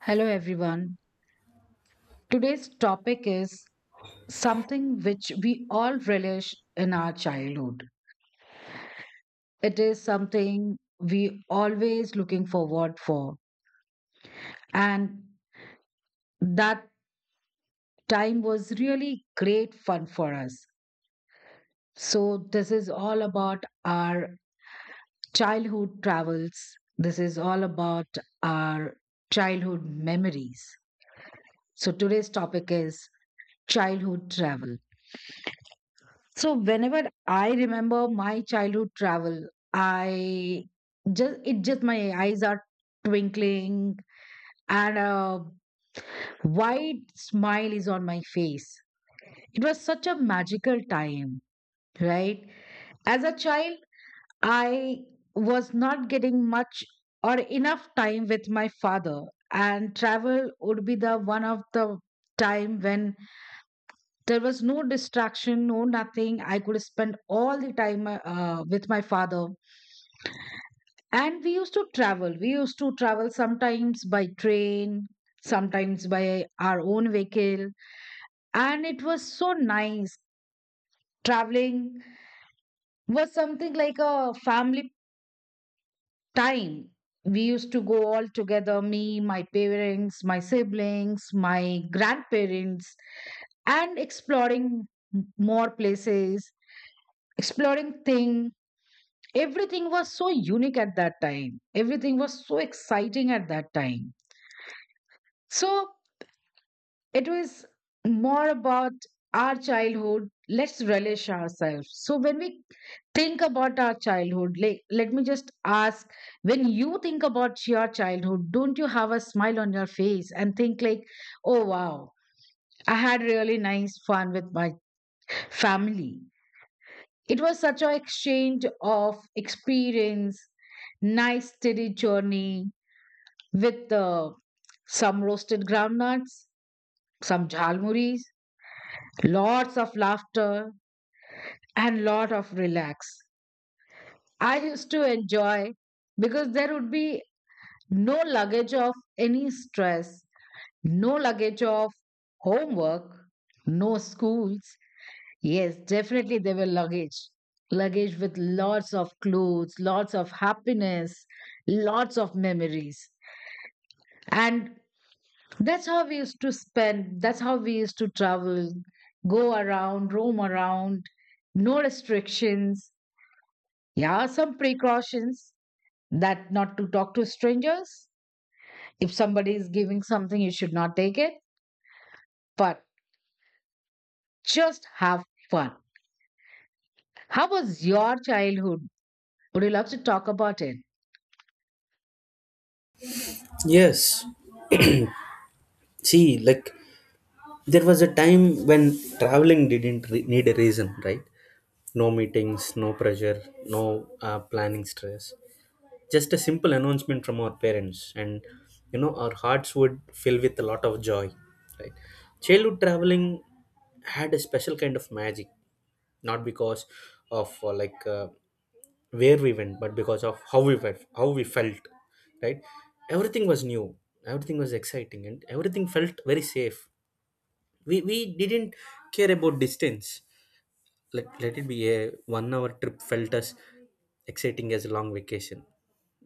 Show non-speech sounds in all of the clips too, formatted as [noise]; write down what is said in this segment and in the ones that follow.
Hello, everyone. Today's topic is something which we all relish in our childhood. It is something we always looking forward for, and that time was really great fun for us. So this is all about our childhood travels. This is all about our childhood memories. So today's topic is childhood travel. So whenever I remember my childhood travel, I just it just my eyes are twinkling and a wide smile is on my face. It was such a magical time, right? As a child, I was not getting much or enough time with my father, and travel would be the one of the time when there was no distraction, no nothing. I could spend all the time with my father. And we used to travel. We used to travel sometimes by train, sometimes by our own vehicle. And it was so nice. Traveling was something like a family time. We used to go all together, me, my parents, my siblings, my grandparents, and exploring more places, exploring things. Everything was so unique at that time. Everything was so exciting at that time. So it was more about our childhood. Let's relish ourselves. So when we think about our childhood, like let me just ask, when you think about your childhood, don't you have a smile on your face and think like, oh wow, I had really nice fun with my family. It was such an exchange of experience, nice steady journey with some roasted groundnuts, some jhalmuris, lots of laughter and lot of relax. I used to enjoy because there would be no luggage of any stress, no luggage of homework, no schools. Yes, definitely there were luggage, luggage with lots of clothes, lots of happiness, lots of memories. And that's how we used to spend, that's how we used to travel, go around, roam around, no restrictions. Yeah, some precautions that not to talk to strangers. If somebody is giving something, you should not take it, but just have fun. How was your childhood? Would you love to talk about it? Yes. See, like there was a time when traveling didn't need a reason, right? No meetings, no pressure, no planning stress, just a simple announcement from our parents, and our hearts would fill with a lot of joy, right. Childhood traveling had a special kind of magic, not because of where we went, but because of how we felt, how we felt, right. Everything was new, everything was exciting, and everything felt very safe. We didn't care about distance. Let it be, a 1 hour trip felt as exciting as a long vacation.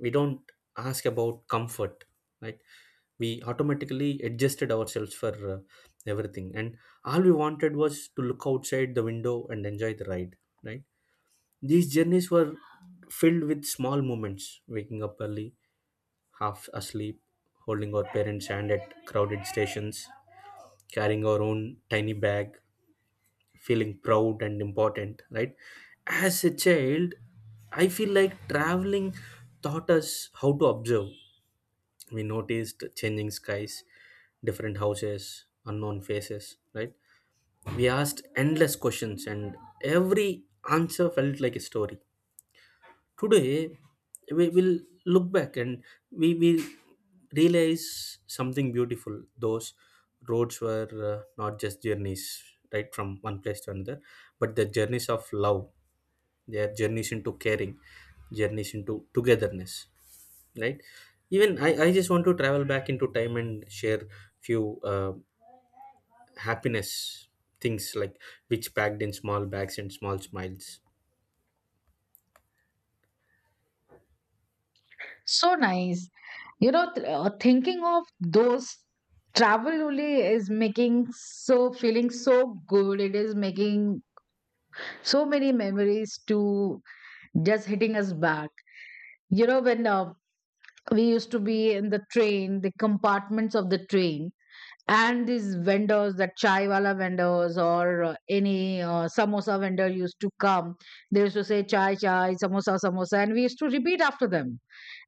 We don't ask about comfort, right? We automatically adjusted ourselves for everything, and all we wanted was to look outside the window and enjoy the ride, right? These journeys were filled with small moments: waking up early, half asleep, holding our parents hand at crowded stations, carrying our own tiny bag, feeling proud and important, right? As a child, I feel like traveling taught us how to observe. We noticed changing skies, different houses, unknown faces, right? We asked endless questions, and every answer felt like a story. Today, we will look back and we will realize something beautiful. Those roads were not just journeys, right, from one place to another, but the journeys of love, their journeys into caring, journeys into togetherness, right? Even I just want to travel back into time and share few happiness things like which packed in small bags and small smiles. So nice. You know, thinking of those travel only is making so feeling so good. It is making so many memories to just hitting us back. You know, when we used to be in the train, the compartments of the train, and these vendors, that chai wala vendors or any samosa vendor used to come, they used to say chai chai samosa samosa, and we used to repeat after them.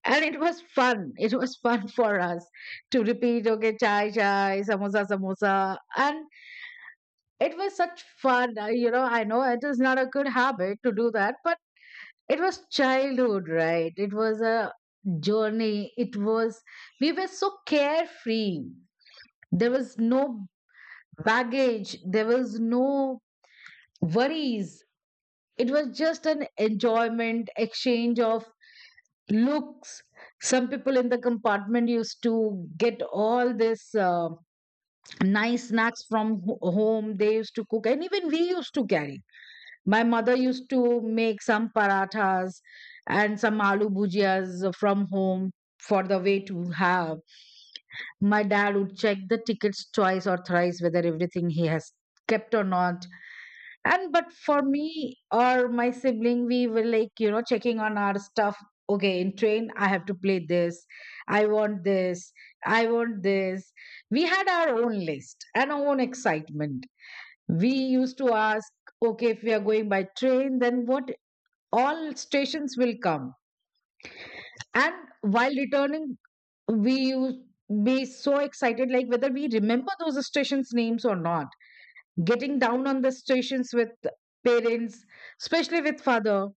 And it was fun, it was fun [laughs] for us to repeat, okay, chai chai samosa samosa. And it was such fun. You know, I know it is not a good habit to do that, but it was childhood, right? It was a journey. It was, we were so carefree. There was no baggage, there was no worries. It was just an enjoyment, exchange of looks. Some people in the compartment used to get all this nice snacks from home. They used to cook, and even we used to carry. My mother used to make some parathas and some aloo bhujias from home for the way to have. My dad would check the tickets twice or thrice whether everything he has kept or not. And but for me or my sibling, we were like, you know, checking on our stuff. Okay, in train I have to play this, I want this, I want this. We had our own list and our own excitement. We used to ask, okay, if we are going by train, then what all stations will come. And while returning, we used be so excited, like whether we remember those stations names or not, getting down on the situations with parents, especially with father,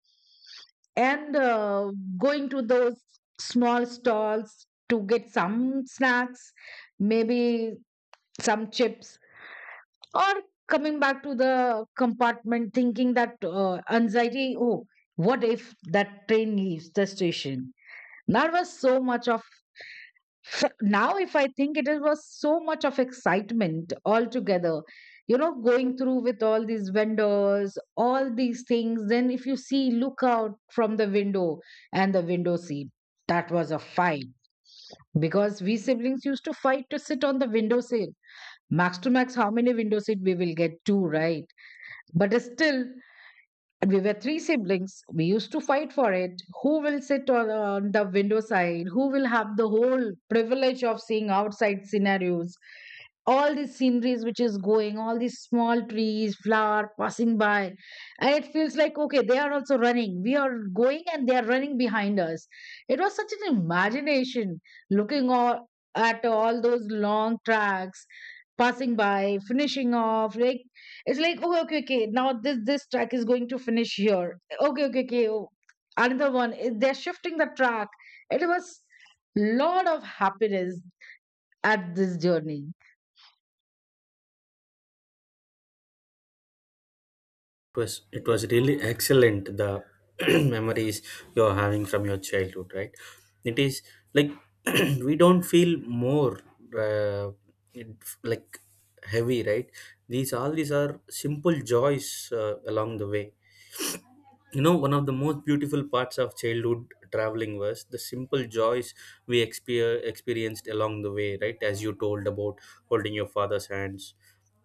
and going to those small stalls to get some snacks, maybe some chips, or coming back to the compartment thinking that, anxiety, oh, what if that train leaves the station? That was so much of [laughs] now if I think, it was so much of excitement altogether. You know, going through with all these vendors, all these things, then if you see look out from the window, and the window seat, that was a fight, because we siblings used to fight to sit on the window seat. Max to max, how many window seat we will get? Two, right? But still, and we were three siblings. We used to fight for it. Who will sit on the window side? Who will have the whole privilege of seeing outside scenarios? All these sceneries which is going, all these small trees, flower passing by. And it feels like, okay, they are also running. We are going and they are running behind us. It was such an imagination, looking all, at all those long tracks passing by, finishing off, like it's like, okay, okay, okay. Now this track is going to finish here. Okay, okay, okay. Oh, another one. They're shifting the track. It was lot of happiness at this journey. It was, it was really excellent, the [clears throat] memories you're having from your childhood, right? It is like, [clears throat] we don't feel more uh, like heavy, right? These, all these are simple joys along the way. You know, one of the most beautiful parts of childhood traveling was the simple joys we experienced along the way, right? As you told about holding your father's hands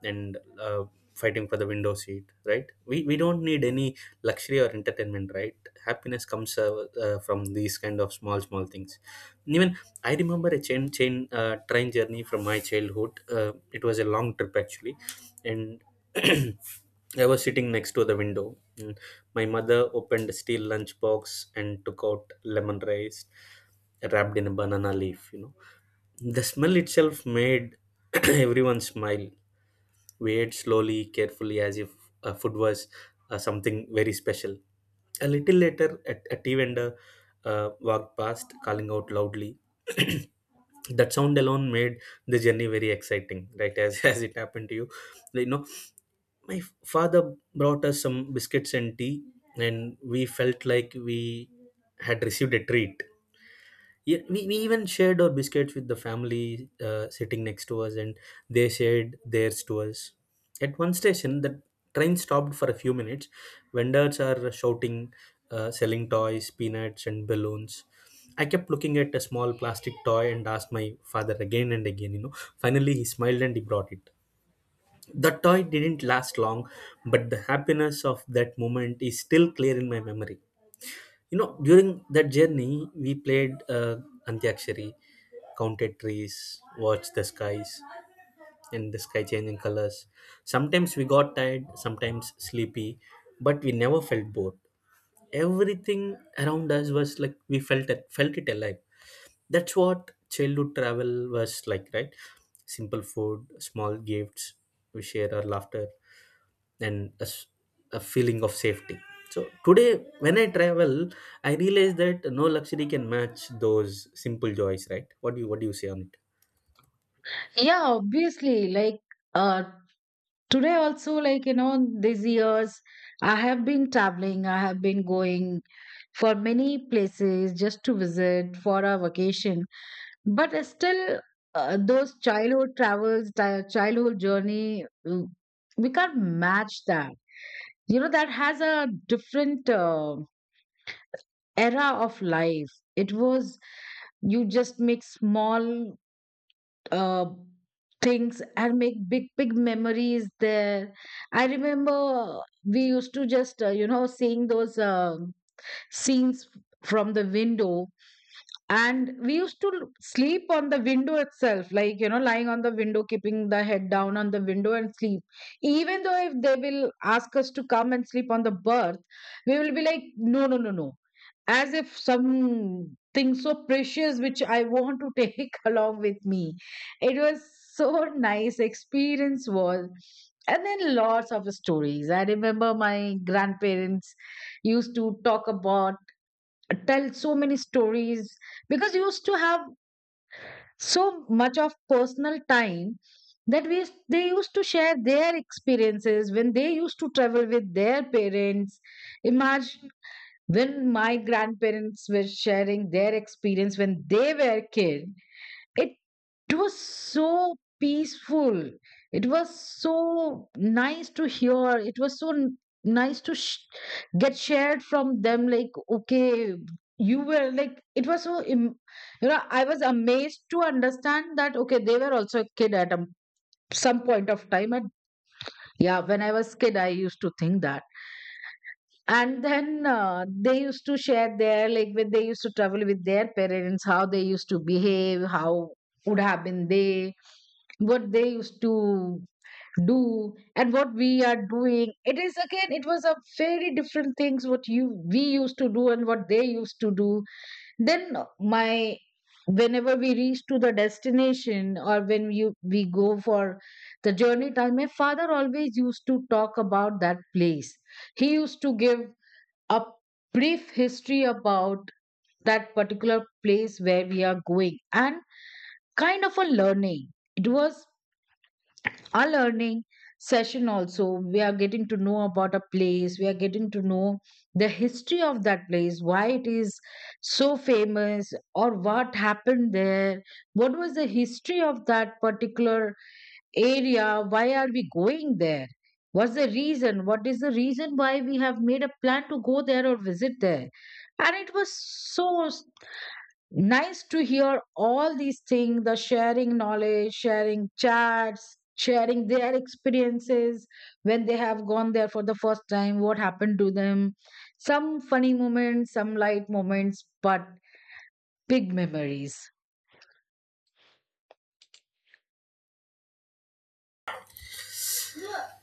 and fighting for the window seat, right? We don't need any luxury or entertainment, right. Happiness comes from these kind of small small things. Even I remember a chain chain train journey from my childhood. It was a long trip actually, and [clears throat] I was sitting next to the window. Mm. My mother opened a steel lunch box and took out lemon rice wrapped in a banana leaf. You know, the smell itself made [clears throat] everyone smile, weighed slowly, carefully, as if food was something very special. A little later, a tea vendor walked past, calling out loudly. [clears throat] That sound alone made the journey very exciting, right? As [laughs] as it happened to you, like, you know. My father brought us some biscuits and tea, and we felt like we had received a treat. Yeah, we even shared our biscuits with the family sitting next to us, and they shared theirs to us. At one station, the train stopped for a few minutes. Vendors are shouting, selling toys, peanuts, and balloons. I kept looking at a small plastic toy and asked my father again and again, you know. Finally, he smiled and he brought it. The toy didn't last long, but the happiness of that moment is still clear in my memory. You know, during that journey, we played antyakshari, counted trees, watched the skies and the sky changing colors. Sometimes we got tired, sometimes sleepy, but we never felt bored. Everything around us was like, we felt it, felt it alive. That's what childhood travel was like, right? Simple food, small gifts, we share our laughter, and a feeling of safety. So today when I travel, I realize that no luxury can match those simple joys, right? What do you say on it? Yeah, obviously. Like uh, today also, like, you know, these years I have been traveling. I have been going for many places just to visit for a vacation. But I still, those childhood travels, childhood journey, we can't match that. You know, that has a different era of life it was. You just make small uh, things and make big big memories there. I remember we used to just you know, seeing those scenes from the window, and we used to sleep on the window itself, like, you know, lying on the window, keeping the head down on the window and sleep. Even though if they will ask us to come and sleep on the berth, we will be like, no, no, no, no. As if something so precious which I want to take [laughs] along with me. It was so nice experience was. And then lots of stories. I remember my grandparents used to talk about tell so many stories, because you used to have so much of personal time, that they used to share their experiences when they used to travel with their parents. Imagine, when my grandparents were sharing their experience when they were kids, it was so peaceful. It was so nice to hear. It was nice to get shared from them, like, okay, you were like, it was so you know, I was amazed to understand that, okay, they were also a kid at some point of time. And yeah, when I was kid, I used to think that. And then they used to share their, like, when they used to travel with their parents, how they used to behave, how would have been they, what they used to do, and what we are doing, it is again, it was a very different things, what you we used to do and what they used to do. Then my, whenever we reach to the destination, or when you we go for the journey time, my father always used to talk about that place. He used to give a brief history about that particular place where we are going, and kind of a learning. It was our learning session also. We are getting to know about a place, we are getting to know the history of that place, why it is so famous or what happened there, what was the history of that particular area, why are we going there, what's the reason, what is the reason why we have made a plan to go there or visit there. And it was so nice to hear all these things, the sharing knowledge, sharing chats, sharing their experiences when they have gone there for the first time, what happened to them, some funny moments, some light moments, but big memories.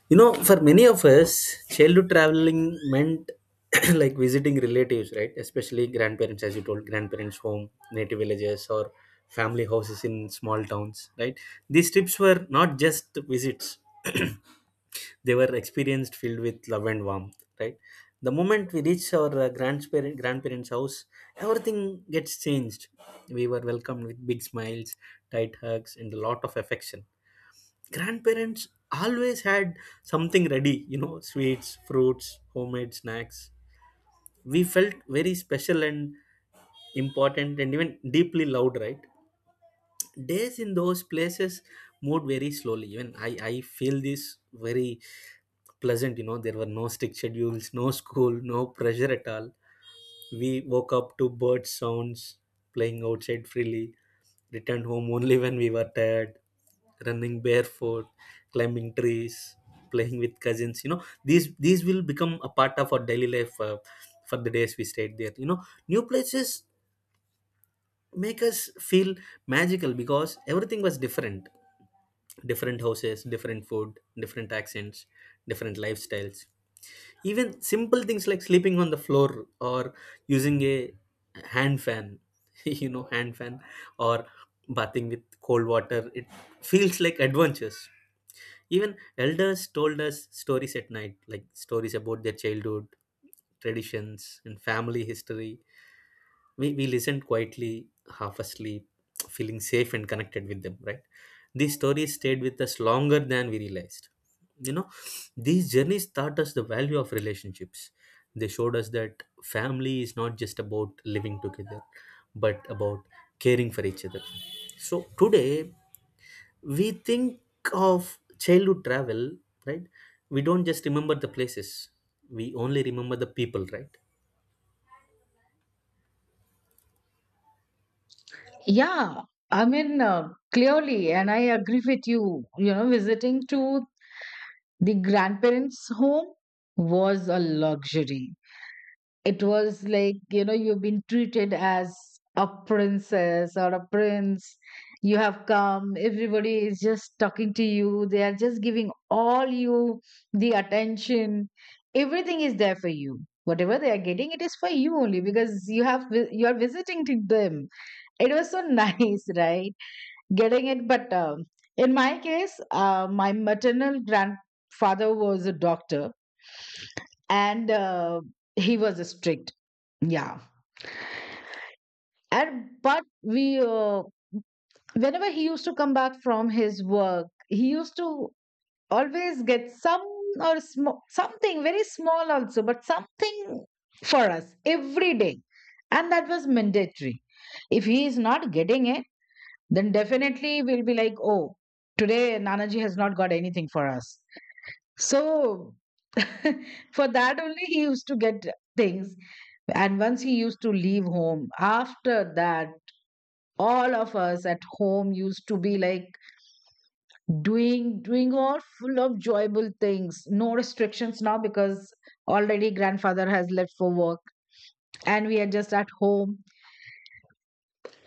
You know, for many of us, childhood traveling meant [coughs] [clears throat] like visiting relatives, right? Especially grandparents, as you told, grandparents home, native villages, or family houses in small towns, right? These trips were not just visits, [coughs] [clears throat] they were experienced, filled with love and warmth, right. The moment we reached our grandparents house, everything gets changed. We were welcomed with big smiles, tight hugs, and a lot of affection. Grandparents always had something ready, you know, sweets, fruits, homemade snacks. We felt very special and important, and even deeply loved, right. Days in those places moved very slowly. Even I feel this very pleasant. You know, there were no strict schedules, no school, no pressure at all. We woke up to bird sounds, playing outside freely, returned home only when we were tired. Running barefoot, climbing trees, playing with cousins, you know, these will become a part of our daily life for the days we stayed there. You know, new places make us feel magical, because everything was different: different houses, different food, different accents, different lifestyles. Even simple things like sleeping on the floor or using a hand fan, [laughs] you know, hand fan, or bathing with cold water, it feels like adventures. Even elders told us stories at night, like stories about their childhood, traditions, and family history. We listened quietly, half asleep, feeling safe and connected with them, right? These stories stayed with us longer than we realized. You know, these journeys taught us the value of relationships. They showed us that family is not just about living together, but about caring for each other. So today, we think of childhood travel, right? We don't just remember the places, we only remember the people, right? Yeah, I mean, clearly, and I agree with you. You know, visiting to the grandparents home was a luxury. It was like, you know, you've been treated as a princess or a prince. You have come, everybody is just talking to you. They are just giving all you the attention. Everything is there for you. Whatever they are getting, it is for you only because you have you are visiting to them. It was so [laughs] nice, right? Getting it, but in my case, my maternal grandfather was a doctor, and he was strict. Yeah, and but we whenever he used to come back from his work he used to always get some or something very small also but something for us every day, and that was mandatory. If he is not getting it, then definitely we'll be like, oh, today nanaji has not got anything for us. So [laughs] for that only he used to get things. And once he used to leave home, after that all of us at home used to be like doing all full of joyful things, no restrictions now because already grandfather has left for work and we are just at home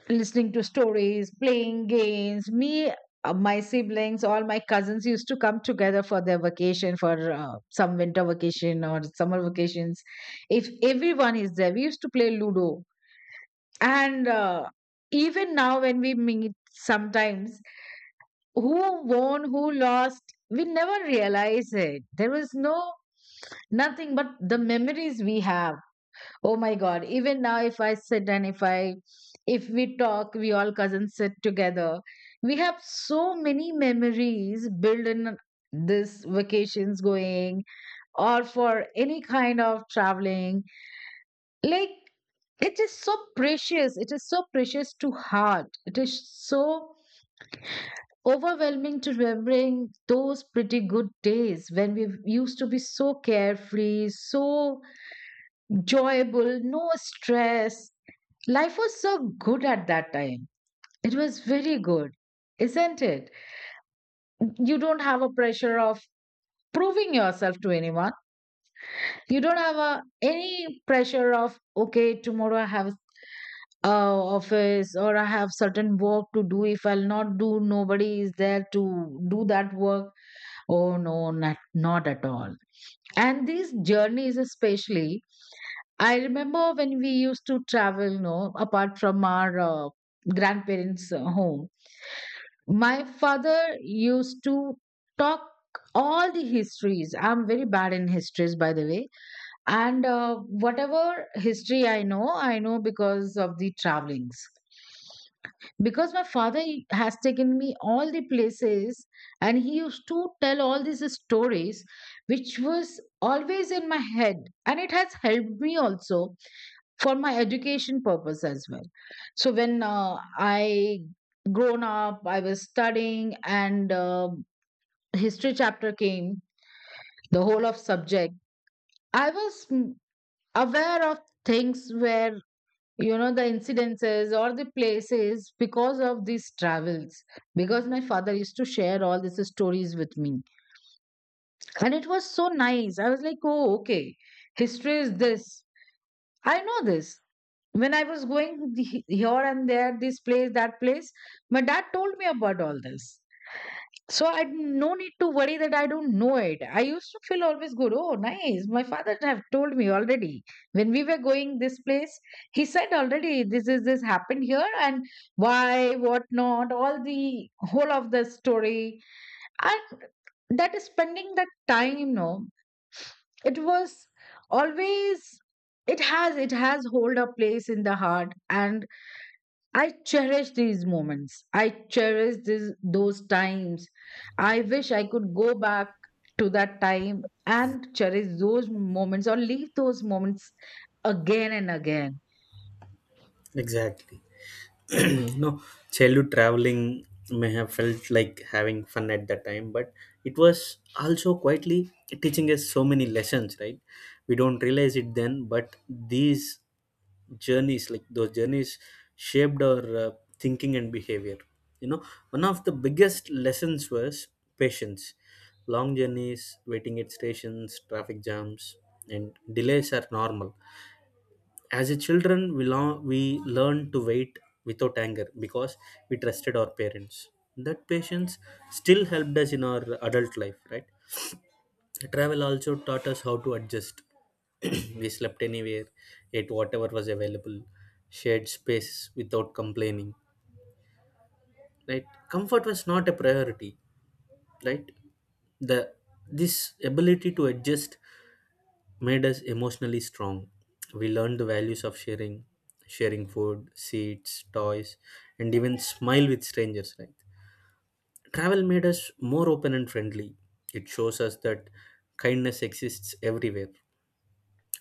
listening to stories, playing games, me my siblings, all my cousins used to come together for their vacation, for some winter vacation or summer vacations. If everyone is there, we used to play ludo. And even now when we meet sometimes, who won, who lost, we never realize it. There was no nothing but the memories we have. Oh my God. Even now, if I sit and if I, if we talk, we all cousins sit together. We have so many memories built in this vacations going or for any kind of traveling. Like, it is so precious. It is so precious to heart. It is so overwhelming to remembering those pretty good days when we used to be so carefree, so joyable, no stress. Life was so good at that time. It was very good, isn't it? You don't have a pressure of proving yourself to anyone. You don't have a, any pressure of, okay, tomorrow I have uh, office or I have certain work to do. If I'll not do, nobody is there to do that work. Oh no, not at all. And these journeys, especially, I remember when we used to travel, no, apart from our grandparents' home, my father used to talk all the histories. I'm very bad in histories, by the way. And whatever history I know because of the travelings, because my father, he has taken me all the places and he used to tell all these stories which was always in my head, and it has helped me also for my education purpose as well. So when I grown up, I was studying, and history chapter came, the whole of subject, I was aware of things where, you know, the incidences or the places because of these travels, because my father used to share all these stories with me. And it was so nice, I was like, oh okay, history is this, I know this. When I was going here and there, this place, that place, my dad told me about all this. So I no need to worry that I don't know it. I used to feel always good. Oh, nice. My father have told me already. When we were going this place, he said already this is this happened here and why, what not, all the whole of the story. And that is spending that time, no. It was always, it has hold a place in the heart, and I cherish these moments. I cherish this, those times. I wish I could go back to that time and cherish those moments or leave those moments again and again. Exactly. [clears throat] No, know, childhood traveling may have felt like having fun at that time, but it was also quietly teaching us so many lessons, right? We don't realize it then, but these journeys, like those journeys, shaped our thinking and behavior. You know, one of the biggest lessons was patience. Long journeys, waiting at stations, traffic jams and delays are normal. As a children, we learn to wait without anger, because we trusted our parents. That patience still helped us in our adult life, right? Travel also taught us how to adjust. [clears throat] We slept anywhere, ate whatever was available, shared space without complaining, right? Comfort was not a priority, right? the This ability to adjust made us emotionally strong. We learned the values of sharing: sharing food, seats, toys, and even smile with strangers, right? Travel made us more open and friendly. It shows us that kindness exists everywhere.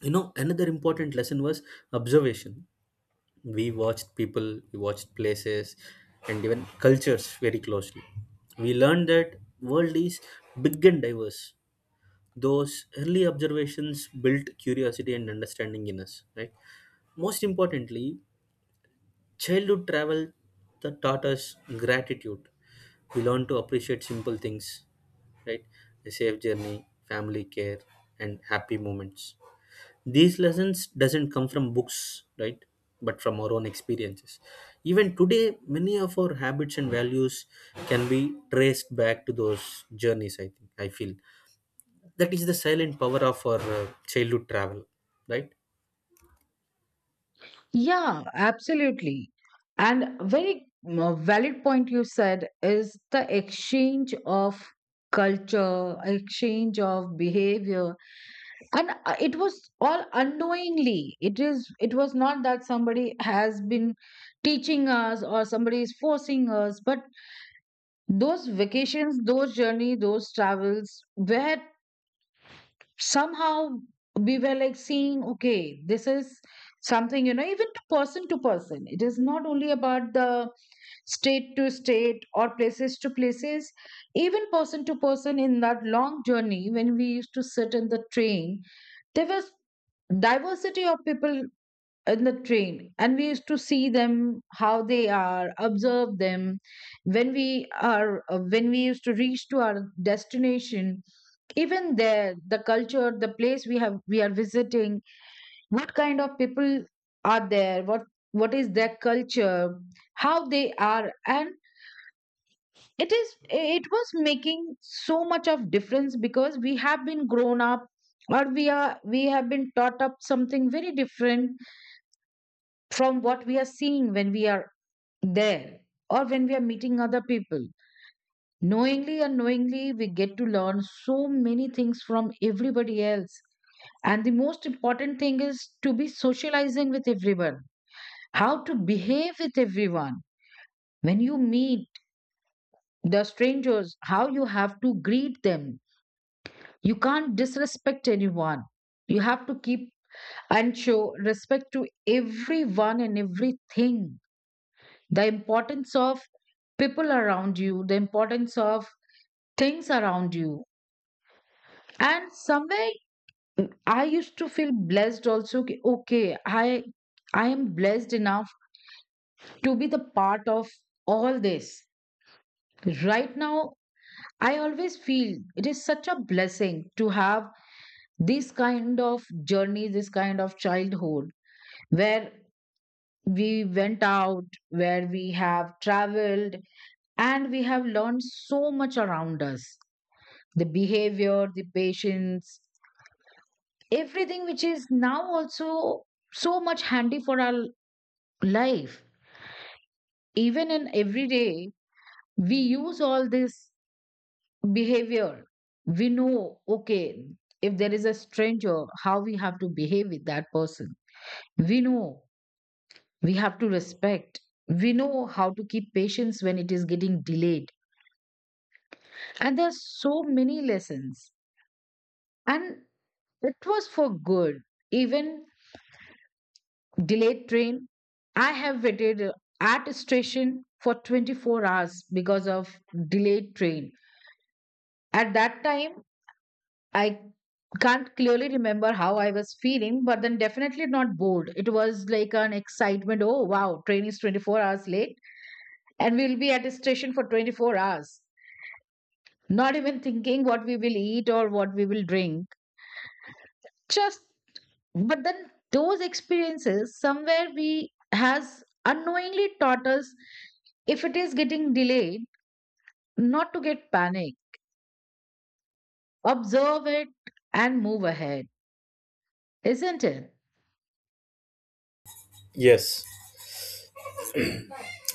You know, another important lesson was observation. We watched people, we watched places, and even cultures very closely. We learned that world is big and diverse. Those early observations built curiosity and understanding in us, right? Most importantly, childhood travel that taught us gratitude. We learn to appreciate simple things, right? A safe journey, family care, and happy moments. These lessons doesn't come from books, right? But from our own experiences. Even today, many of our habits and values can be traced back to those journeys. I think I feel that is the silent power of our childhood travel, right? Yeah, absolutely. And very valid point you said is the exchange of culture, exchange of behavior, and it was all unknowingly, it is it was not that somebody has been teaching us or somebody is forcing us, but those vacations, those journey, those travels were somehow, we were like seeing, okay, this is something, you know, even to person to person. It is not only about the state to state or places to places, even person to person. In that long journey when we used to sit in the train, there was diversity of people in the train, and we used to see them how they are, observe them. When we are when we used to reach to our destination, even there, the culture, the place we have, we are visiting, what kind of people are there, what is their culture, how they are. And it is, it was making so much of difference because we have been grown up or we are, we have been taught up something very different from what we are seeing when we are there or when we are meeting other people. Knowingly, unknowingly, we get to learn so many things from everybody else. And the most important thing is to be socializing with everyone, how to behave with everyone. When you meet the strangers, how you have to greet them. You can't disrespect anyone. You have to keep and show respect to everyone and everything. The importance of people around you, the importance of things around you. And somewhere I used to feel blessed also. Ki, Okay, I am blessed enough to be the part of all this. Right now, I always feel it is such a blessing to have this kind of journey, this kind of childhood where we went out, where we have traveled, and we have learned so much around us, the behavior, the patience, everything which is now also so much handy for our life. Even in everyday, we use all this behavior. We know, okay, if there is a stranger, how we have to behave with that person, we know we have to respect, we know how to keep patience when it is getting delayed. And there's so many lessons, and it was for good. Even delayed train, I have waited at a station for 24 hours because of delayed train. At that time, I can't clearly remember how I was feeling, but then definitely not bored. It was like an excitement. Oh, wow, train is 24 hours late and we'll be at a station for 24 hours. Not even thinking what we will eat or what we will drink. Just, but then those experiences somewhere we has unknowingly taught us, if it is getting delayed, not to get panic, observe it and move ahead, isn't it? Yes,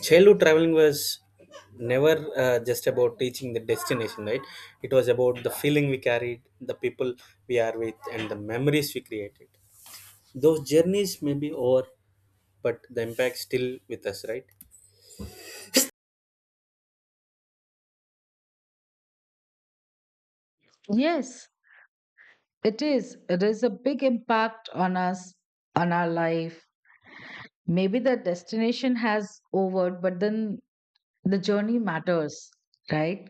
childhood traveling was never just about reaching the destination, right? It was about the feeling we carried, the people we are with, and the memories we created. Those journeys may be over, but the impact still with us, right? Yes. It is. It is a big impact on us, on our life. Maybe the destination has over, but then the journey matters, right?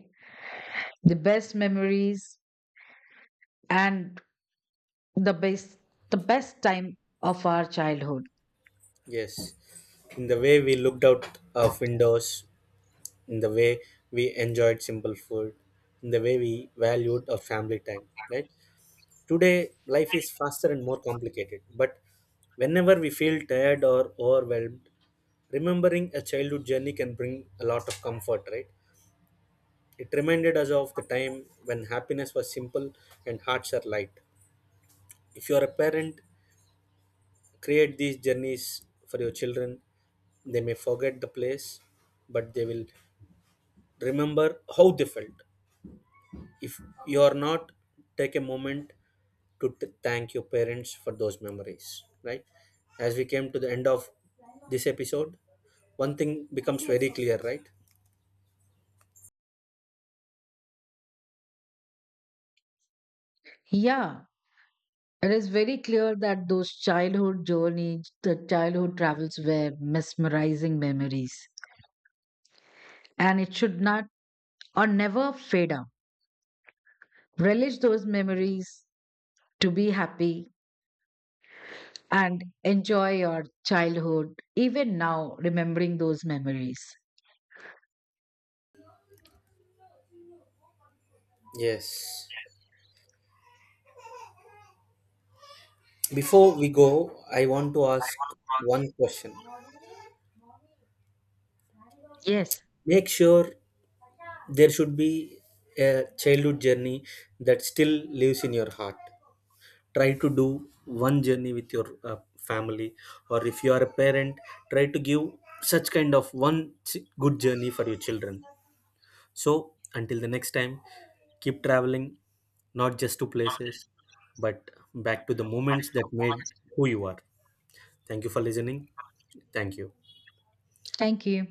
The best memories and the best, the best time of our childhood. Yes, in the way we looked out of windows, in the way we enjoyed simple food, in the way we valued our family time, right? Today, life is faster and more complicated, but whenever we feel tired or overwhelmed, remembering a childhood journey can bring a lot of comfort, right? It reminded us of the time when happiness was simple and hearts are light. If you are a parent, create these journeys for your children. They may forget the place, but they will remember how they felt. If you are not, take a moment to thank your parents for those memories, right? As we came to the end of this episode, one thing becomes very clear, right? Yeah, it is very clear that those childhood journeys, the childhood travels were mesmerizing memories. And it should not or never fade out. Relish those memories to be happy and enjoy your childhood, even now, remembering those memories. Yes. Before we go, I want to ask one question. Yes, Make sure there should be a childhood journey that still lives in your heart. Try to do one journey with your family, or if you are a parent, try to give such kind of one good journey for your children. So, until the next time, keep traveling, not just to places, but back to the moments that made who you are. Thank you for listening. Thank you. thank you.